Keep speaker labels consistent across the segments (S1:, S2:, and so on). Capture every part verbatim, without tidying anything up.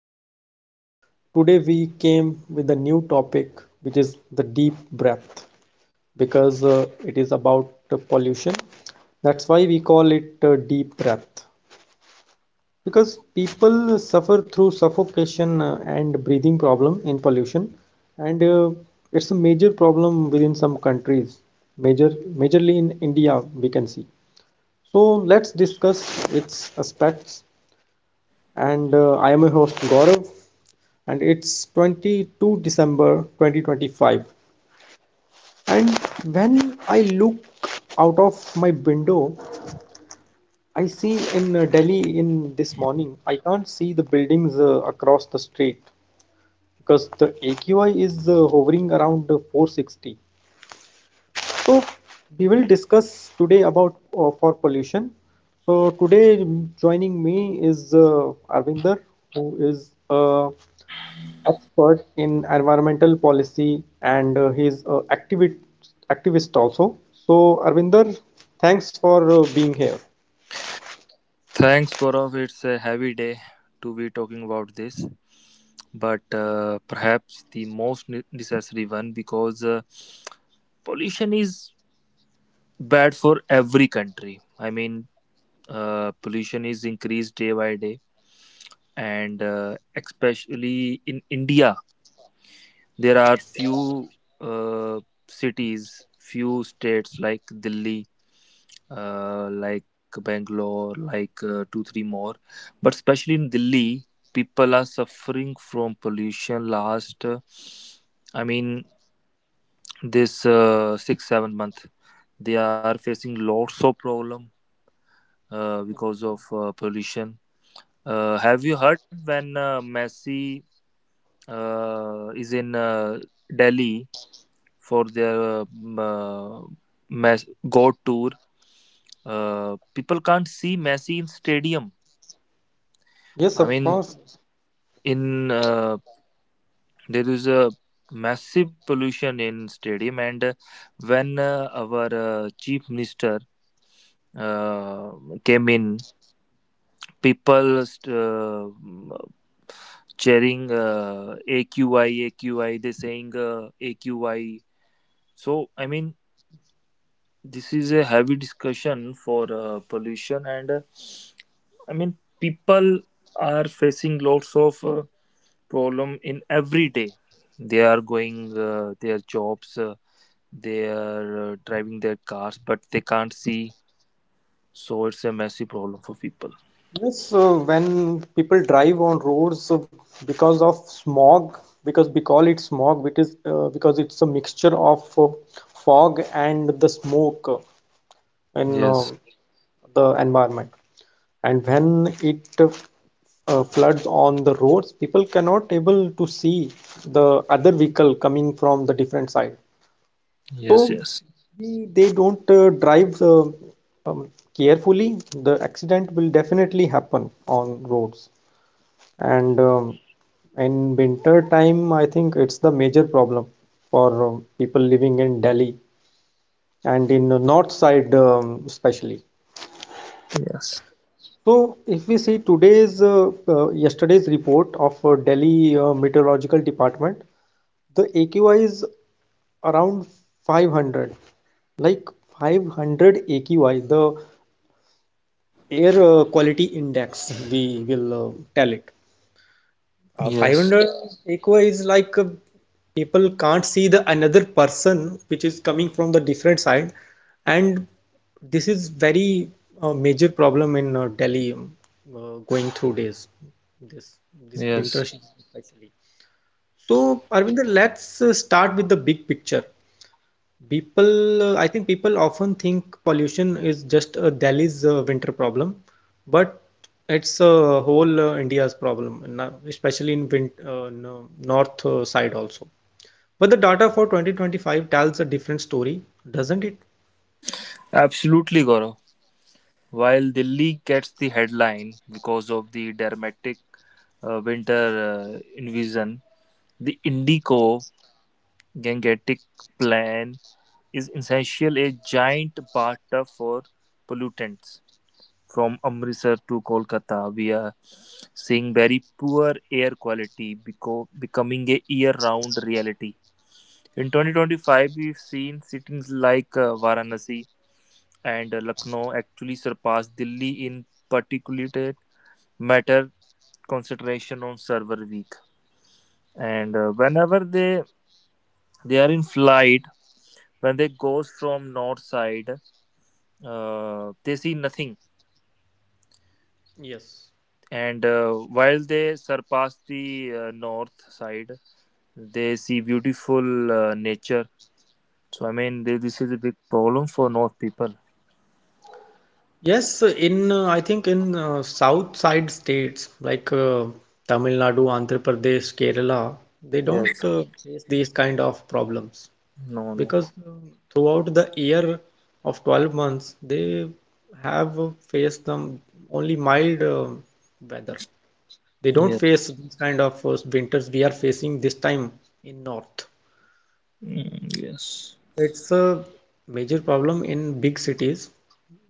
S1: welcome back. Today we came with a new topic which is the deep breath because uh, it is about uh, pollution. That's why we call it uh, deep breath because people suffer through suffocation uh, and breathing problem in pollution and uh, it's a major problem within some countries, major majorly in India we can see. So let's discuss its aspects and uh, I am your host Gaurav, and it's December twenty-second twenty twenty-five. And when I look out of my window, I see in uh, Delhi in this morning, I can't see the buildings uh, across the street because the A Q I is uh, hovering around uh, four hundred sixty. So we will discuss today about uh, for pollution. So today mm, joining me is uh, Arvinder, who is a uh, expert in environmental policy and uh, he's uh, activist activist also. So Arvinder, thanks for uh, being here.
S2: Thanks, Gaurav. It's a heavy day to be talking about this, but uh, perhaps the most ne- necessary one because uh, pollution is bad for every country. I mean, uh, pollution is increased day by day, and uh, especially in India. There are few uh, cities, few states like Delhi, uh, like Bangalore, like uh, two, three more. But especially in Delhi, people are suffering from pollution last, uh, I mean, this uh, six, seven month. They are facing lots of problem uh, because of uh, pollution. Uh, have you heard when uh, Messi uh, is in uh, Delhi? For their uh, uh, Mes- God tour. Uh, people can't see Messi in stadium.
S1: Yes,
S2: I
S1: of
S2: mean,
S1: course.
S2: in uh, there is a massive pollution in stadium, and uh, when uh, our uh, chief minister uh, came in, people st- uh, cheering uh, A Q I, A Q I. They saying uh, A Q I. So I mean, this is a heavy discussion for uh, pollution, and uh, I mean people are facing lots of uh, problem in every day. They are going uh, their jobs, uh, they are uh, driving their cars, but they can't see, so it's a messy problem for people.
S1: Yes, uh, when people drive on roads uh, because of smog, because we call it smog, which is uh, because it's a mixture of uh, fog and the smoke in uh,
S2: Yes,
S1: the environment. And when it uh, floods on the roads, people cannot able to see the other vehicle coming from the different side.
S2: yes,
S1: So
S2: yes,
S1: we, they don't uh, drive uh, um, carefully. The accident will definitely happen on roads. And um, in winter time, I think it's the major problem for uh, people living in Delhi and in the north side um, especially.
S2: yes,
S1: So, if we see today's uh, uh, yesterday's report of uh, Delhi uh, Meteorological Department, the A Q I is around five hundred, like five hundred A Q I, the air uh, quality index, we will uh, tell it. Uh,
S2: yes,
S1: five hundred equa is like uh, people can't see the another person which is coming from the different side, and this is very uh, major problem in uh, Delhi um, uh, going through days. this this winter
S2: yes.
S1: season especially. So, Arvinder, let's uh, start with the big picture. People, uh, I think people often think pollution is just a Delhi's uh, winter problem, but it's a whole uh, India's problem, and now- especially in win uh, no- north uh, side also. But the data for twenty twenty-five tells a different story, doesn't it?
S2: Absolutely, Gaurav. While Delhi gets the headline because of the dramatic uh, winter uh, invasion, the Indico Gangetic plan is essentially a giant bathtub for pollutants. From Amritsar to Kolkata, we are seeing very poor air quality beco- becoming a year-round reality. In twenty twenty-five, we've seen cities like uh, Varanasi and uh, Lucknow actually surpass Delhi in particulate matter concentration on server week. And uh, whenever they they are in flight, when they goes from north side, uh, they see nothing.
S1: Yes.
S2: And uh, while they surpass the uh, north side, they see beautiful uh, nature. So I mean th- this is a big problem for north people.
S1: Yes, in uh, I think in uh, south side states like uh, Tamil Nadu, Andhra Pradesh, Kerala, they
S2: Yes.
S1: don't uh, face these kind of problems.
S2: No, no.
S1: Because um, throughout the year of twelve months they have uh, faced them only mild um weather. They don't
S2: Yes.
S1: face this kind of uh, winters we are facing this time in north.
S2: Mm, yes.
S1: It's a major problem in big cities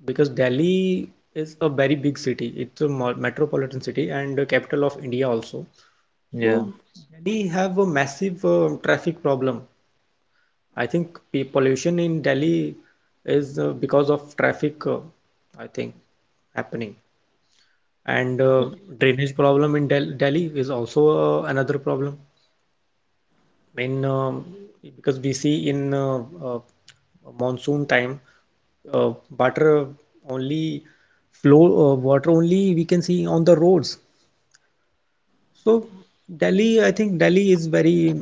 S1: because Delhi is a very big city. It's a mo- metropolitan city and the capital of India also. So
S2: Yeah.
S1: Delhi have a massive um traffic problem. I think pe- pollution in Delhi is uh, because of traffic, uh, I think, happening. And uh, drainage problem in Del Delhi is also uh, another problem. I mean, um, because we see in uh, uh, monsoon time, uh, water only flow, uh, water only we can see on the roads. So Delhi, I think Delhi is very,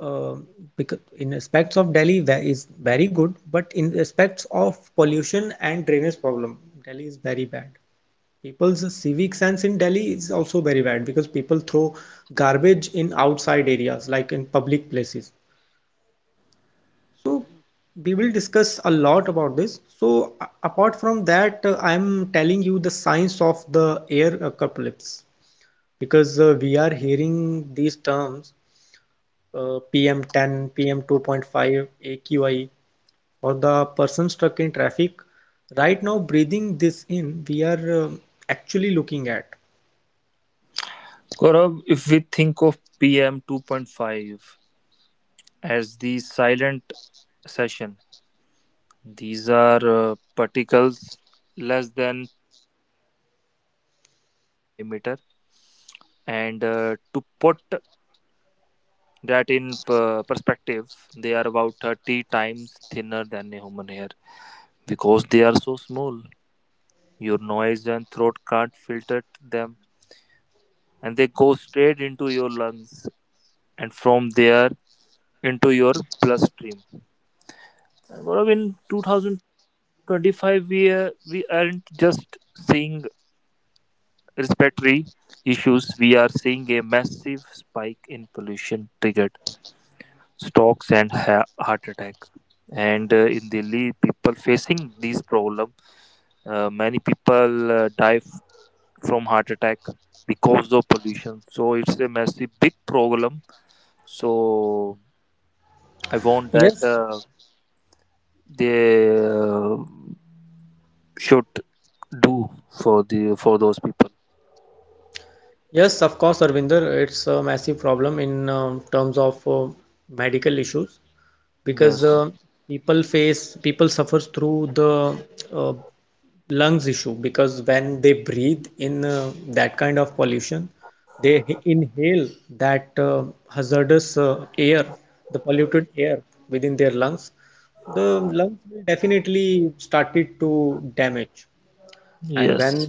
S1: uh, becau- in aspects of Delhi ve- is very good, but in aspects of pollution and drainage problem, Delhi is very bad. People's civic sense in Delhi is also very bad because people throw garbage in outside areas, like in public places. So we will discuss a lot about this. So a- apart from that, uh, I'm telling you the science of the air apocalypse because uh, we are hearing these terms uh, P M ten, P M two point five, A Q I, or the person stuck in traffic, right now breathing this in, we are uh, actually looking at.
S2: Gaurav, if we think of P M two point five as the silent session, these are uh, particles less than two point five micrometer in diameter, and uh, to put that in per- perspective, they are about thirty times thinner than a human hair. Because they are so small, your noise and throat can't filter them, and they go straight into your lungs, and from there into your bloodstream. And Gaurav, in twenty twenty-five we uh, we aren't just seeing respiratory issues, we are seeing a massive spike in pollution triggered strokes and ha- heart attack. And uh, in delhi people facing these problem, uh, many people uh, die f- from heart attack because of pollution. So it's a massive big problem. So I want that uh,
S1: Yes,
S2: they uh, should do for the for those people.
S1: yes, of course, Arvinder, it's a massive problem in um terms of uh, medical issues because uh,
S2: Yes,
S1: people face, people suffers through the uh, lungs issue, because when they breathe in uh, that kind of pollution they h- inhale that uh, hazardous uh, air, the polluted air within their lungs. The lungs will definitely started to damage, and when
S2: yes.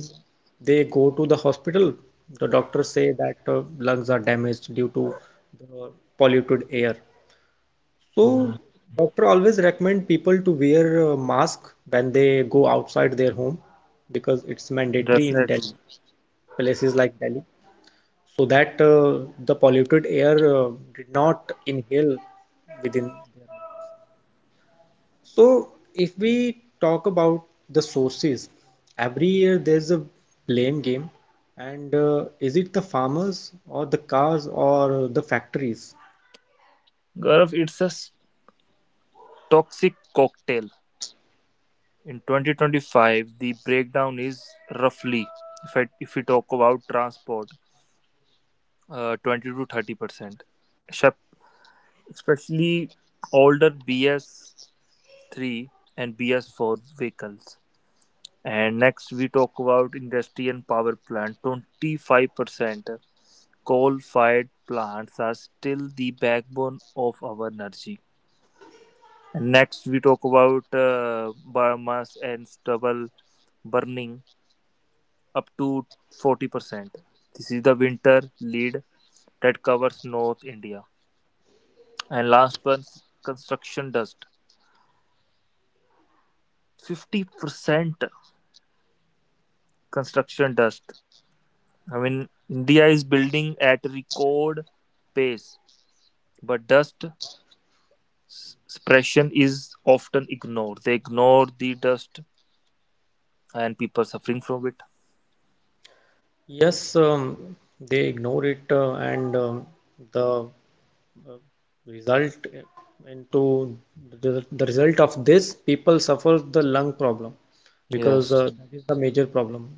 S1: they go to the hospital the doctors say that uh, lungs are damaged due to the polluted air. So,
S2: Mm,
S1: doctor always recommend people to wear a mask when they go outside their home, because it's mandatory in Delhi,
S2: definitely.
S1: places like Delhi, so that uh, the polluted air uh, did not inhale within. So, if we talk about the sources, every year there's a blame game, and uh, is it the farmers or the cars or the factories?
S2: Gaurav, it's a s- toxic cocktail. In twenty twenty-five, the breakdown is roughly, if I, if we talk about transport, uh, twenty to thirty percent, especially older B S three and B S four vehicles. And next we talk about industry and power plant, twenty-five percent. Coal fired plants are still the backbone of our energy. And next we talk about uh, biomass and stubble burning, up to forty percent. This is the winter lead that covers North India. And last one, construction dust. fifty percent construction dust. I mean, India is building at record pace, but dust suppression is often ignored. They ignore the dust and people suffering from it.
S1: Yes, um, they ignore it, uh, and um, the result into the, the result of this people suffer the lung problem, because
S2: Yes,
S1: uh, that is the major problem.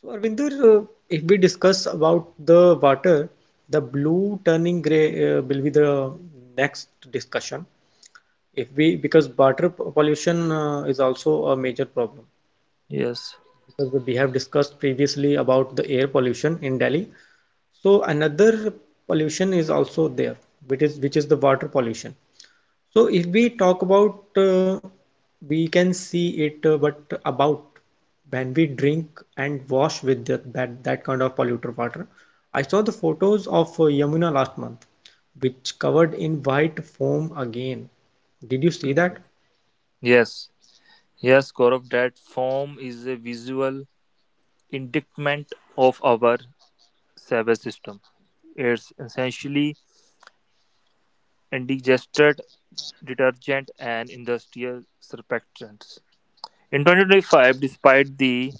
S1: So Arvinder, uh, if we discuss about the water, the blue turning gray uh, will be the next discussion, if we because water pollution uh, is also a major problem,
S2: yes,
S1: because we have discussed previously about the air pollution in Delhi. So another pollution is also there, which is which is the water pollution. So if we talk about, uh, we can see it, uh, but about when we drink and wash with that that, that kind of polluted water. I saw the photos of uh, Yamuna last month, which covered in white foam again. Did you see that?
S2: yes, yes, Gaurav, that form is a visual indictment of our service system. It's essentially indigested detergent and industrial surfactants. In twenty twenty-five, despite the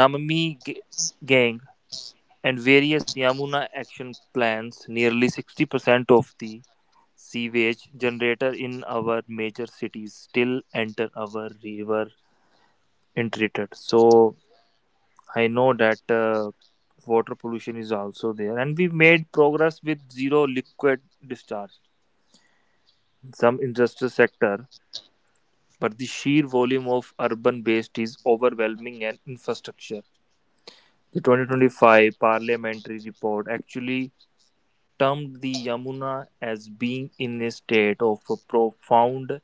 S2: Namami ga- gang and various Yamuna action plans, nearly sixty percent of the sewage generated in our major cities still enter our river untreated. So I know that uh, water pollution is also there, and we made progress with zero liquid discharge, some industrial sector, but the sheer volume of urban waste is overwhelming and infrastructure. The twenty twenty-five parliamentary report actually termed the Yamuna as being in a state of a profound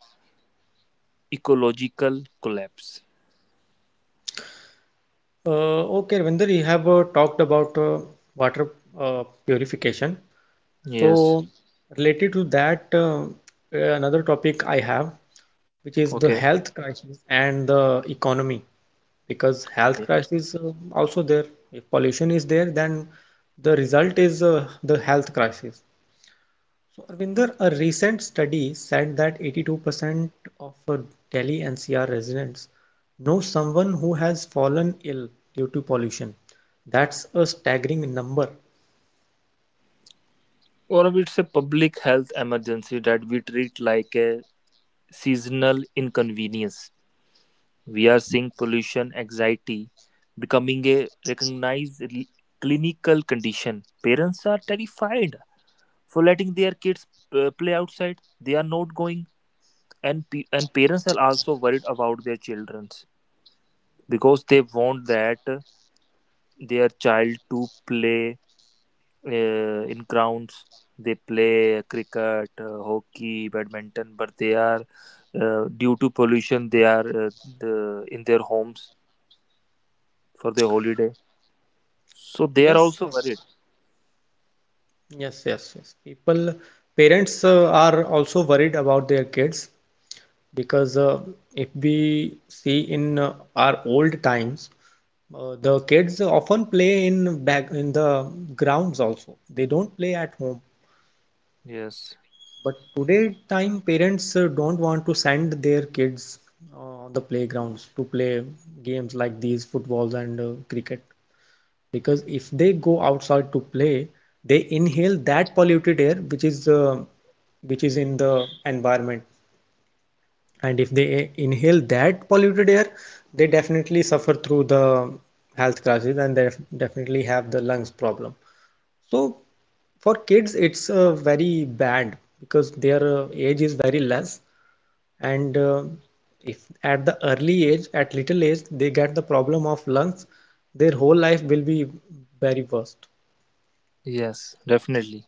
S2: ecological collapse.
S1: Uh, okay, Ravinder, you have uh, talked about uh, water uh, purification.
S2: Yes,
S1: So, related to that, uh, uh, another topic I have, which is the
S2: okay.
S1: health crisis and the economy, because health
S2: Yeah.
S1: crisis uh, also there. If pollution is there, then the result is uh, the health crisis. So, Arvinder, a recent study said that eighty-two percent of uh, Delhi N C R residents know someone who has fallen ill due to pollution. That's a staggering number.
S2: Or it's a public health emergency that we treat like a seasonal inconvenience. We are seeing pollution anxiety becoming a recognized l- clinical condition. Parents are terrified for letting their kids uh, play outside. They are not going, and pe- and parents are also worried about their childrens because they want that uh, their child to play uh, in grounds. They play cricket, uh, hockey, badminton, but they are uh, due to pollution. They are uh, the, in their homes for their holiday, so they are
S1: Yes,
S2: also
S1: sir.
S2: worried.
S1: Yes, yes, yes. People, parents uh, are also worried about their kids, because uh, if we see in uh, our old times, uh, the kids often play in back in the grounds also. They don't play at home.
S2: Yes,
S1: But today time, parents uh, don't want to send their kids uh, on the playgrounds to play games like these, footballs and uh, cricket. Because if they go outside to play they inhale that polluted air which is uh, which is in the environment, and if they inhale that polluted air they definitely suffer through the health crisis and they definitely have the lungs problem. So for kids it's uh, very bad, because their uh, age is very less, and uh, if at the early age at little age they get the problem of lungs, their whole life will be very worst.
S2: yes, definitely.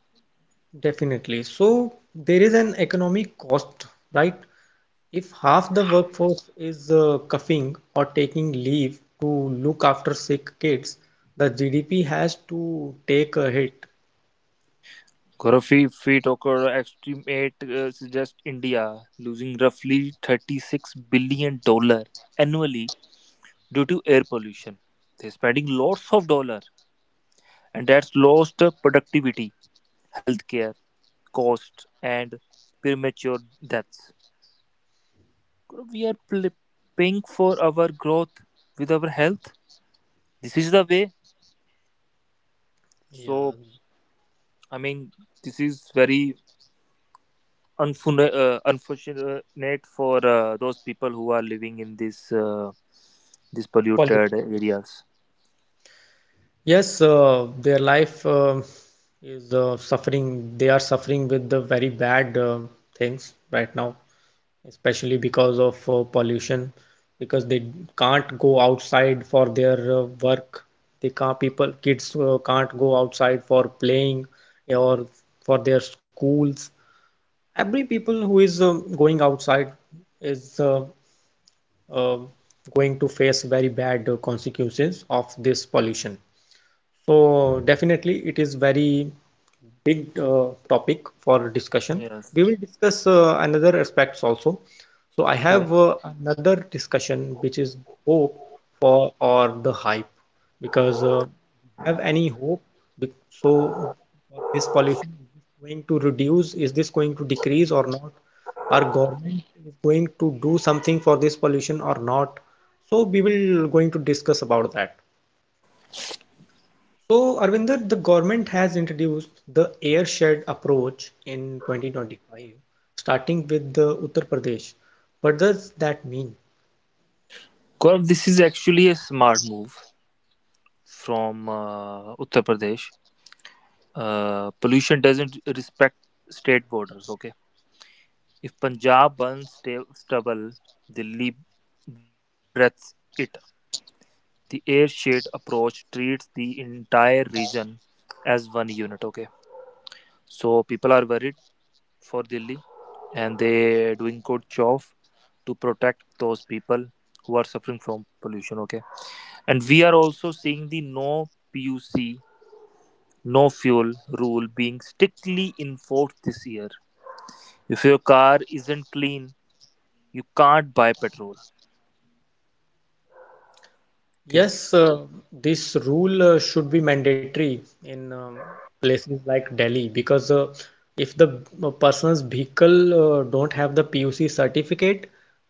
S1: Definitely. So there is an economic cost, right? If half the workforce is uh, coughing or taking leave to look after sick kids, the G D P has to take a hit.
S2: Gaddafi feat occurred estimate uh, suggest India losing roughly thirty-six billion dollar annually due to air pollution. They're spending lots of dollar, and that's lost uh, productivity, healthcare, costs and premature deaths. Gaurav, we are pl- paying for our growth with our health. This is the way.
S1: Yeah.
S2: So I mean this is very unfun- uh, unfortunate for uh, those people who are living in this uh, these polluted
S1: Positively.
S2: areas.
S1: Yes, uh, their life uh, is uh, suffering. They are suffering with the very bad uh, things right now, especially because of uh, pollution, because they can't go outside for their uh, work. They can't, people kids uh, can't go outside for playing or for their schools. Every people who is um going outside is uh, uh, going to face very bad uh, consequences of this pollution. So definitely it is very big uh, topic for discussion.
S2: Yes.
S1: We will discuss uh, another aspects also. So I
S2: Okay.
S1: have uh, another discussion which is hope for or the hype, because uh, we have any hope. So for this pollution, is this going to reduce? Is this going to decrease or not? Our government is going to do something for this pollution or not? So we will going to discuss about that. So, Arvinder, the government has introduced the air shared approach in twenty twenty-five, starting with the Uttar Pradesh. What does that mean?
S2: Gaurav, this is actually a smart move from uh, Uttar Pradesh. Uh, pollution doesn't respect state borders. Okay. If Punjab burns sta- stubble, Delhi breathes it. The air shade approach treats the entire region as one unit. Okay. So people are worried for Delhi, and they doing good job to protect those people who are suffering from pollution, okay. And we are also seeing the no P U C no fuel rule being strictly enforced this year. If your car isn't clean, you can't buy petrol. Okay.
S1: Yes, uh, this rule uh, should be mandatory in um, places like Delhi, because uh, if the uh, person's vehicle uh, don't have the P U C certificate,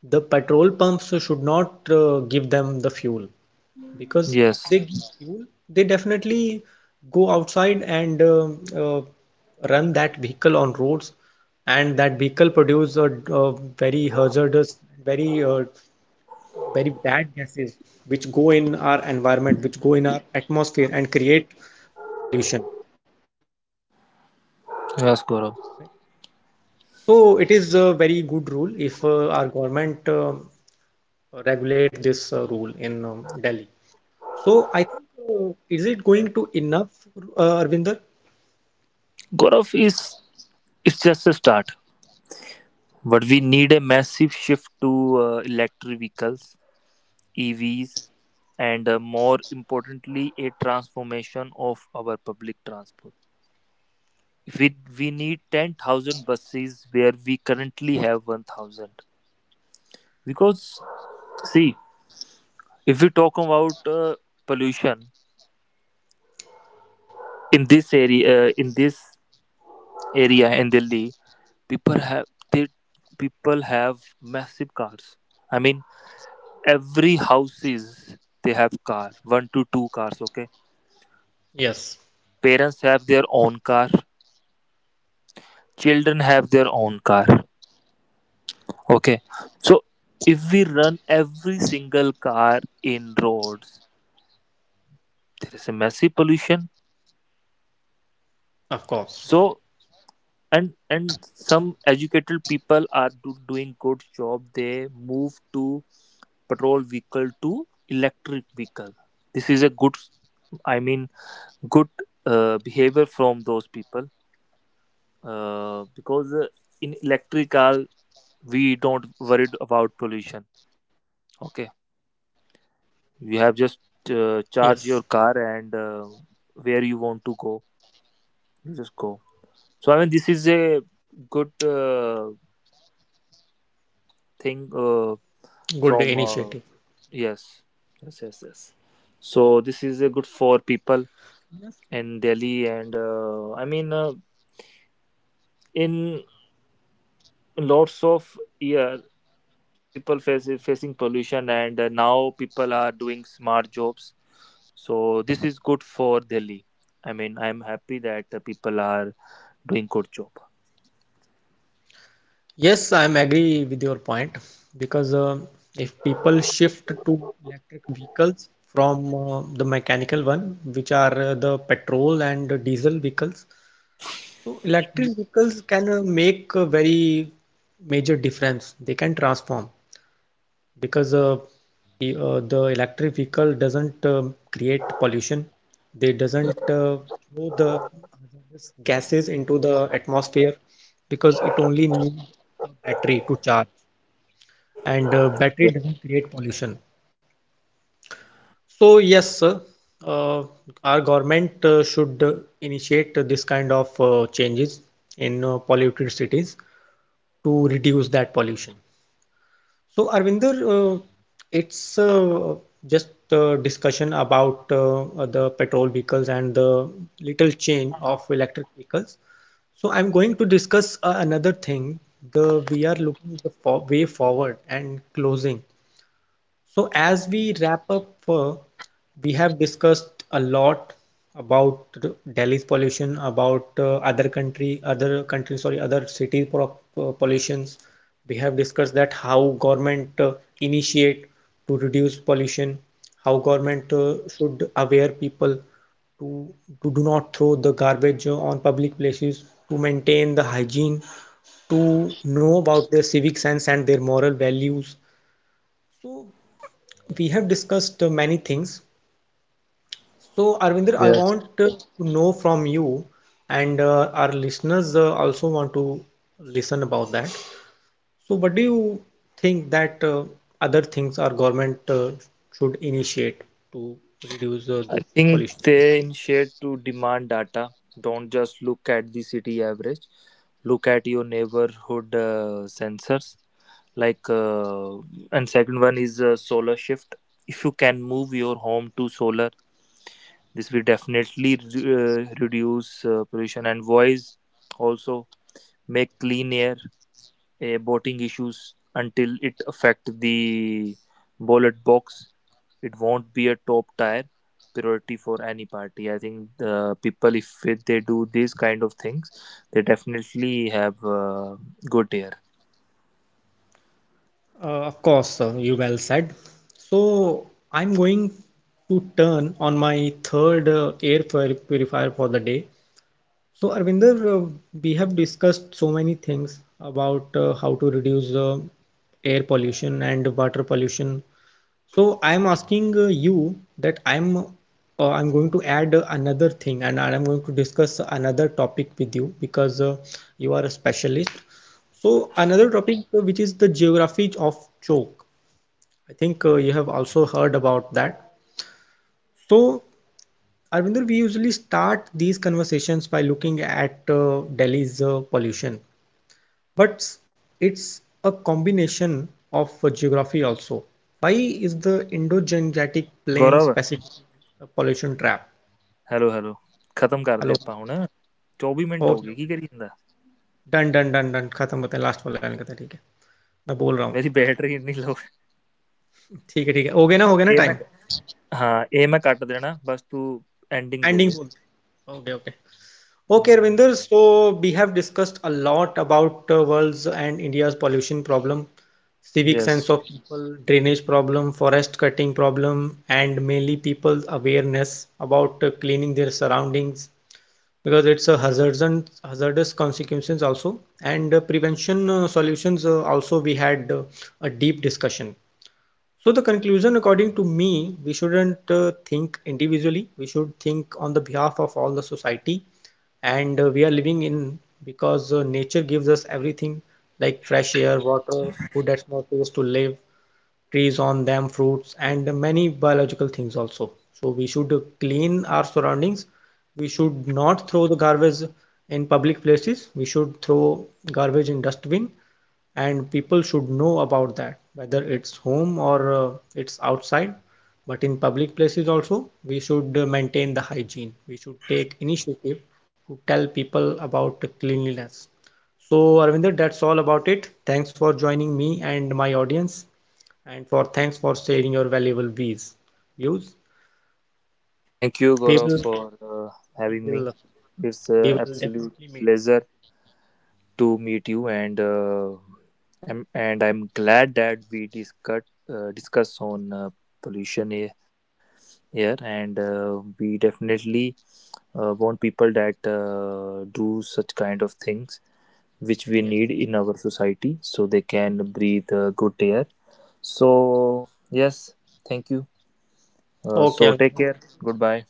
S1: the petrol pumps should not uh, give them the fuel. Because if
S2: Yes,
S1: they give fuel, they definitely go outside and um uh, run that vehicle on roads, and that vehicle produce a, a very hazardous, very uh, very bad gases which go in our environment, which go in our atmosphere and create pollution, create air pollution.
S2: yes. gaurav
S1: So it is a very good rule if uh, our government uh, regulate this uh, rule in um, Delhi. So I think uh, is it going to enough, uh, Arvinder?
S2: gaurav is it's just a start, but we need a massive shift to uh, electric vehicles, E Vs, and uh, more importantly, a transformation of our public transport. If we we need ten thousand buses where we currently have one thousand. Because see, if we talk about uh, pollution in this area, uh, in this area in Delhi, people have they people have massive cars. I mean, every houses they have car, one to two cars. Okay.
S1: Yes,
S2: Parents have their own car, children have their own car. Okay. So if we run every single car in roads, there is a massive pollution.
S1: of
S2: So
S1: course.
S2: and and some educated people are do, doing good job, they move to petrol vehicle to electric vehicle. This is a good, I mean, good uh, behavior from those people. Uh, because uh, in electric car we don't worried about pollution. Okay.
S1: Yes,
S2: You have just uh, charge your car, and uh, where you want to go, you just go. So I mean this is a good uh,
S1: good
S2: thing
S1: initiative.
S2: uh, from. Uh, yes, yes, yes, yes. So this is uh, good for people in delhi. And uh, I mean uh, in lots of year, people face, facing pollution. And uh, now people are doing smart jobs. So this is good for delhi. I mean I'm happy that uh, people are doing good job.
S1: Yes, I'm agree with your point because um if people shift to electric vehicles from uh, the mechanical one, which are uh, the petrol and diesel vehicles, so electric vehicles can uh, make a very major difference. They can transform because uh, the, uh, the electric vehicle doesn't um, create pollution. They doesn't uh, throw the hazardous gases into the atmosphere, because it only needs a battery to charge, and uh, battery doesn't create pollution. So yes, sir, uh, our government uh, should uh, initiate this kind of uh, changes in uh, polluted cities to reduce that pollution. So, Arvinder, uh, it's uh, just a discussion about uh, the petrol vehicles and the little chain of electric vehicles. So, I'm going to discuss uh, another thing. The we are looking the for way forward and closing. So, as we wrap up, uh, we have discussed a lot about Delhi's pollution, about uh, other country, other country, sorry, other city uh, pollutions. We have discussed that how government uh, initiate to reduce pollution, how government uh, should aware people to, to do not throw the garbage on public places, to maintain the hygiene, to know about their civic sense and their moral values. So we have discussed uh, many things. So, Arvinder, I
S2: Yes.
S1: want uh, to know from you, and uh, our listeners uh, also want to listen about that. So, what do you think that uh, other things our government uh, should initiate to reduce uh,
S2: I
S1: this
S2: think
S1: pollution?
S2: they initiate to demand data. Don't just look at the city average. Look at your neighborhood uh, sensors. Like, uh, and second one is uh, solar shift. If you can move your home to solar, this will definitely re- uh, reduce uh, pollution and voice. Also, make clean air a boating issues. Until it affect the ballot box, it won't be a top tier priority for any party. I think the people, if they do these kind of things, they definitely have uh, good year.
S1: Uh, of course, uh, you well said. So, I'm going to turn on my third uh, air pur- purifier for the day. So, Arvinder, uh, we have discussed so many things about uh, how to reduce uh, air pollution and water pollution. So, I'm asking uh, you that I'm uh, I'm going to add uh, another thing, and I'm going to discuss another topic with you because uh, you are a specialist. So, another topic uh, which is the geography of choke. I think uh, you have also heard about that. So, Arvinder, we usually start these conversations by looking at uh, Delhi's uh, pollution, but it's a combination of uh, geography also. Why is the Indo-Gangetic Plains
S2: Gaurav
S1: Pacific pollution trap?
S2: Hello hello खत्म कर दे
S1: Hello.
S2: ਆਪਾਂ ਹੁਣ ਚੌਵੀ minute ਹੋ
S1: Okay.
S2: ਗਏ ਕੀ
S1: Okay.
S2: ਕਰੀ ਜਾਂਦਾ
S1: Done, done, done, done. खत्म होते हैं लास्ट वाला लाइन का था ठीक है मैं बोल रहा हूँ
S2: ਮੇਰੀ ਬੈਟਰੀ ਇੰਨੀ ਲੋ
S1: ठीक है ठीक है हो गया ना हो गया ना
S2: ਇਹ ਮੈਂ
S1: टाइम
S2: ਹਾਂ ਇਹ ਮੈਂ ਕੱਟ ਦੇਣਾ ਬਸ ਤੂੰ ਐਂਡਿੰਗ ਦੇ
S1: एंडिंग
S2: ਦੇ
S1: बोल ओके ओके. Okay,
S2: ਹਮ
S1: Ravinder, so we have discussed a lot about uh, world's and India's pollution problem, civic
S2: yes
S1: sense of people, drainage problem, forest cutting problem, and mainly people's awareness about uh, cleaning their surroundings because it's a hazards and hazardous consequences also, and uh, prevention uh, solutions uh, also, we had uh, a deep discussion. So the conclusion, according to me, we shouldn't uh, think individually. We should think on the behalf of all the society, and uh, we are living in because uh, nature gives us everything like fresh air, water, food, that's more place to live, trees on them fruits and many biological things also. So we should clean our surroundings. We should not throw the garbage in public places. We should throw garbage in dustbin, and people should know about that whether it's home or uh, it's outside, but in public places also we should uh, maintain the hygiene. We should take initiative to tell people about cleanliness. So, Arvinder, that's all about it. Thanks for joining me and my audience, and for thanks for sharing your valuable views. Views.
S2: Thank you
S1: We
S2: Gaurav
S1: will
S2: for
S1: we
S2: having me
S1: will
S2: it's
S1: we will
S2: absolute
S1: definitely meet.
S2: Pleasure to meet you, and uh, I'm, and I'm glad that we discuss uh, discuss on uh, pollution he- here. And uh, we definitely uh, want people that uh, do such kind of things which we
S1: Yes.
S2: need in our society, so they can breathe uh, good air. So yes, thank you. Uh, so
S1: Okay.
S2: take care. Goodbye.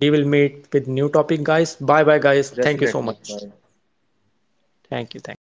S1: We will meet with new topic, guys. Bye bye, guys. Thank you so
S2: Definitely.
S1: much.
S2: Bye.
S1: Thank you. Thank you.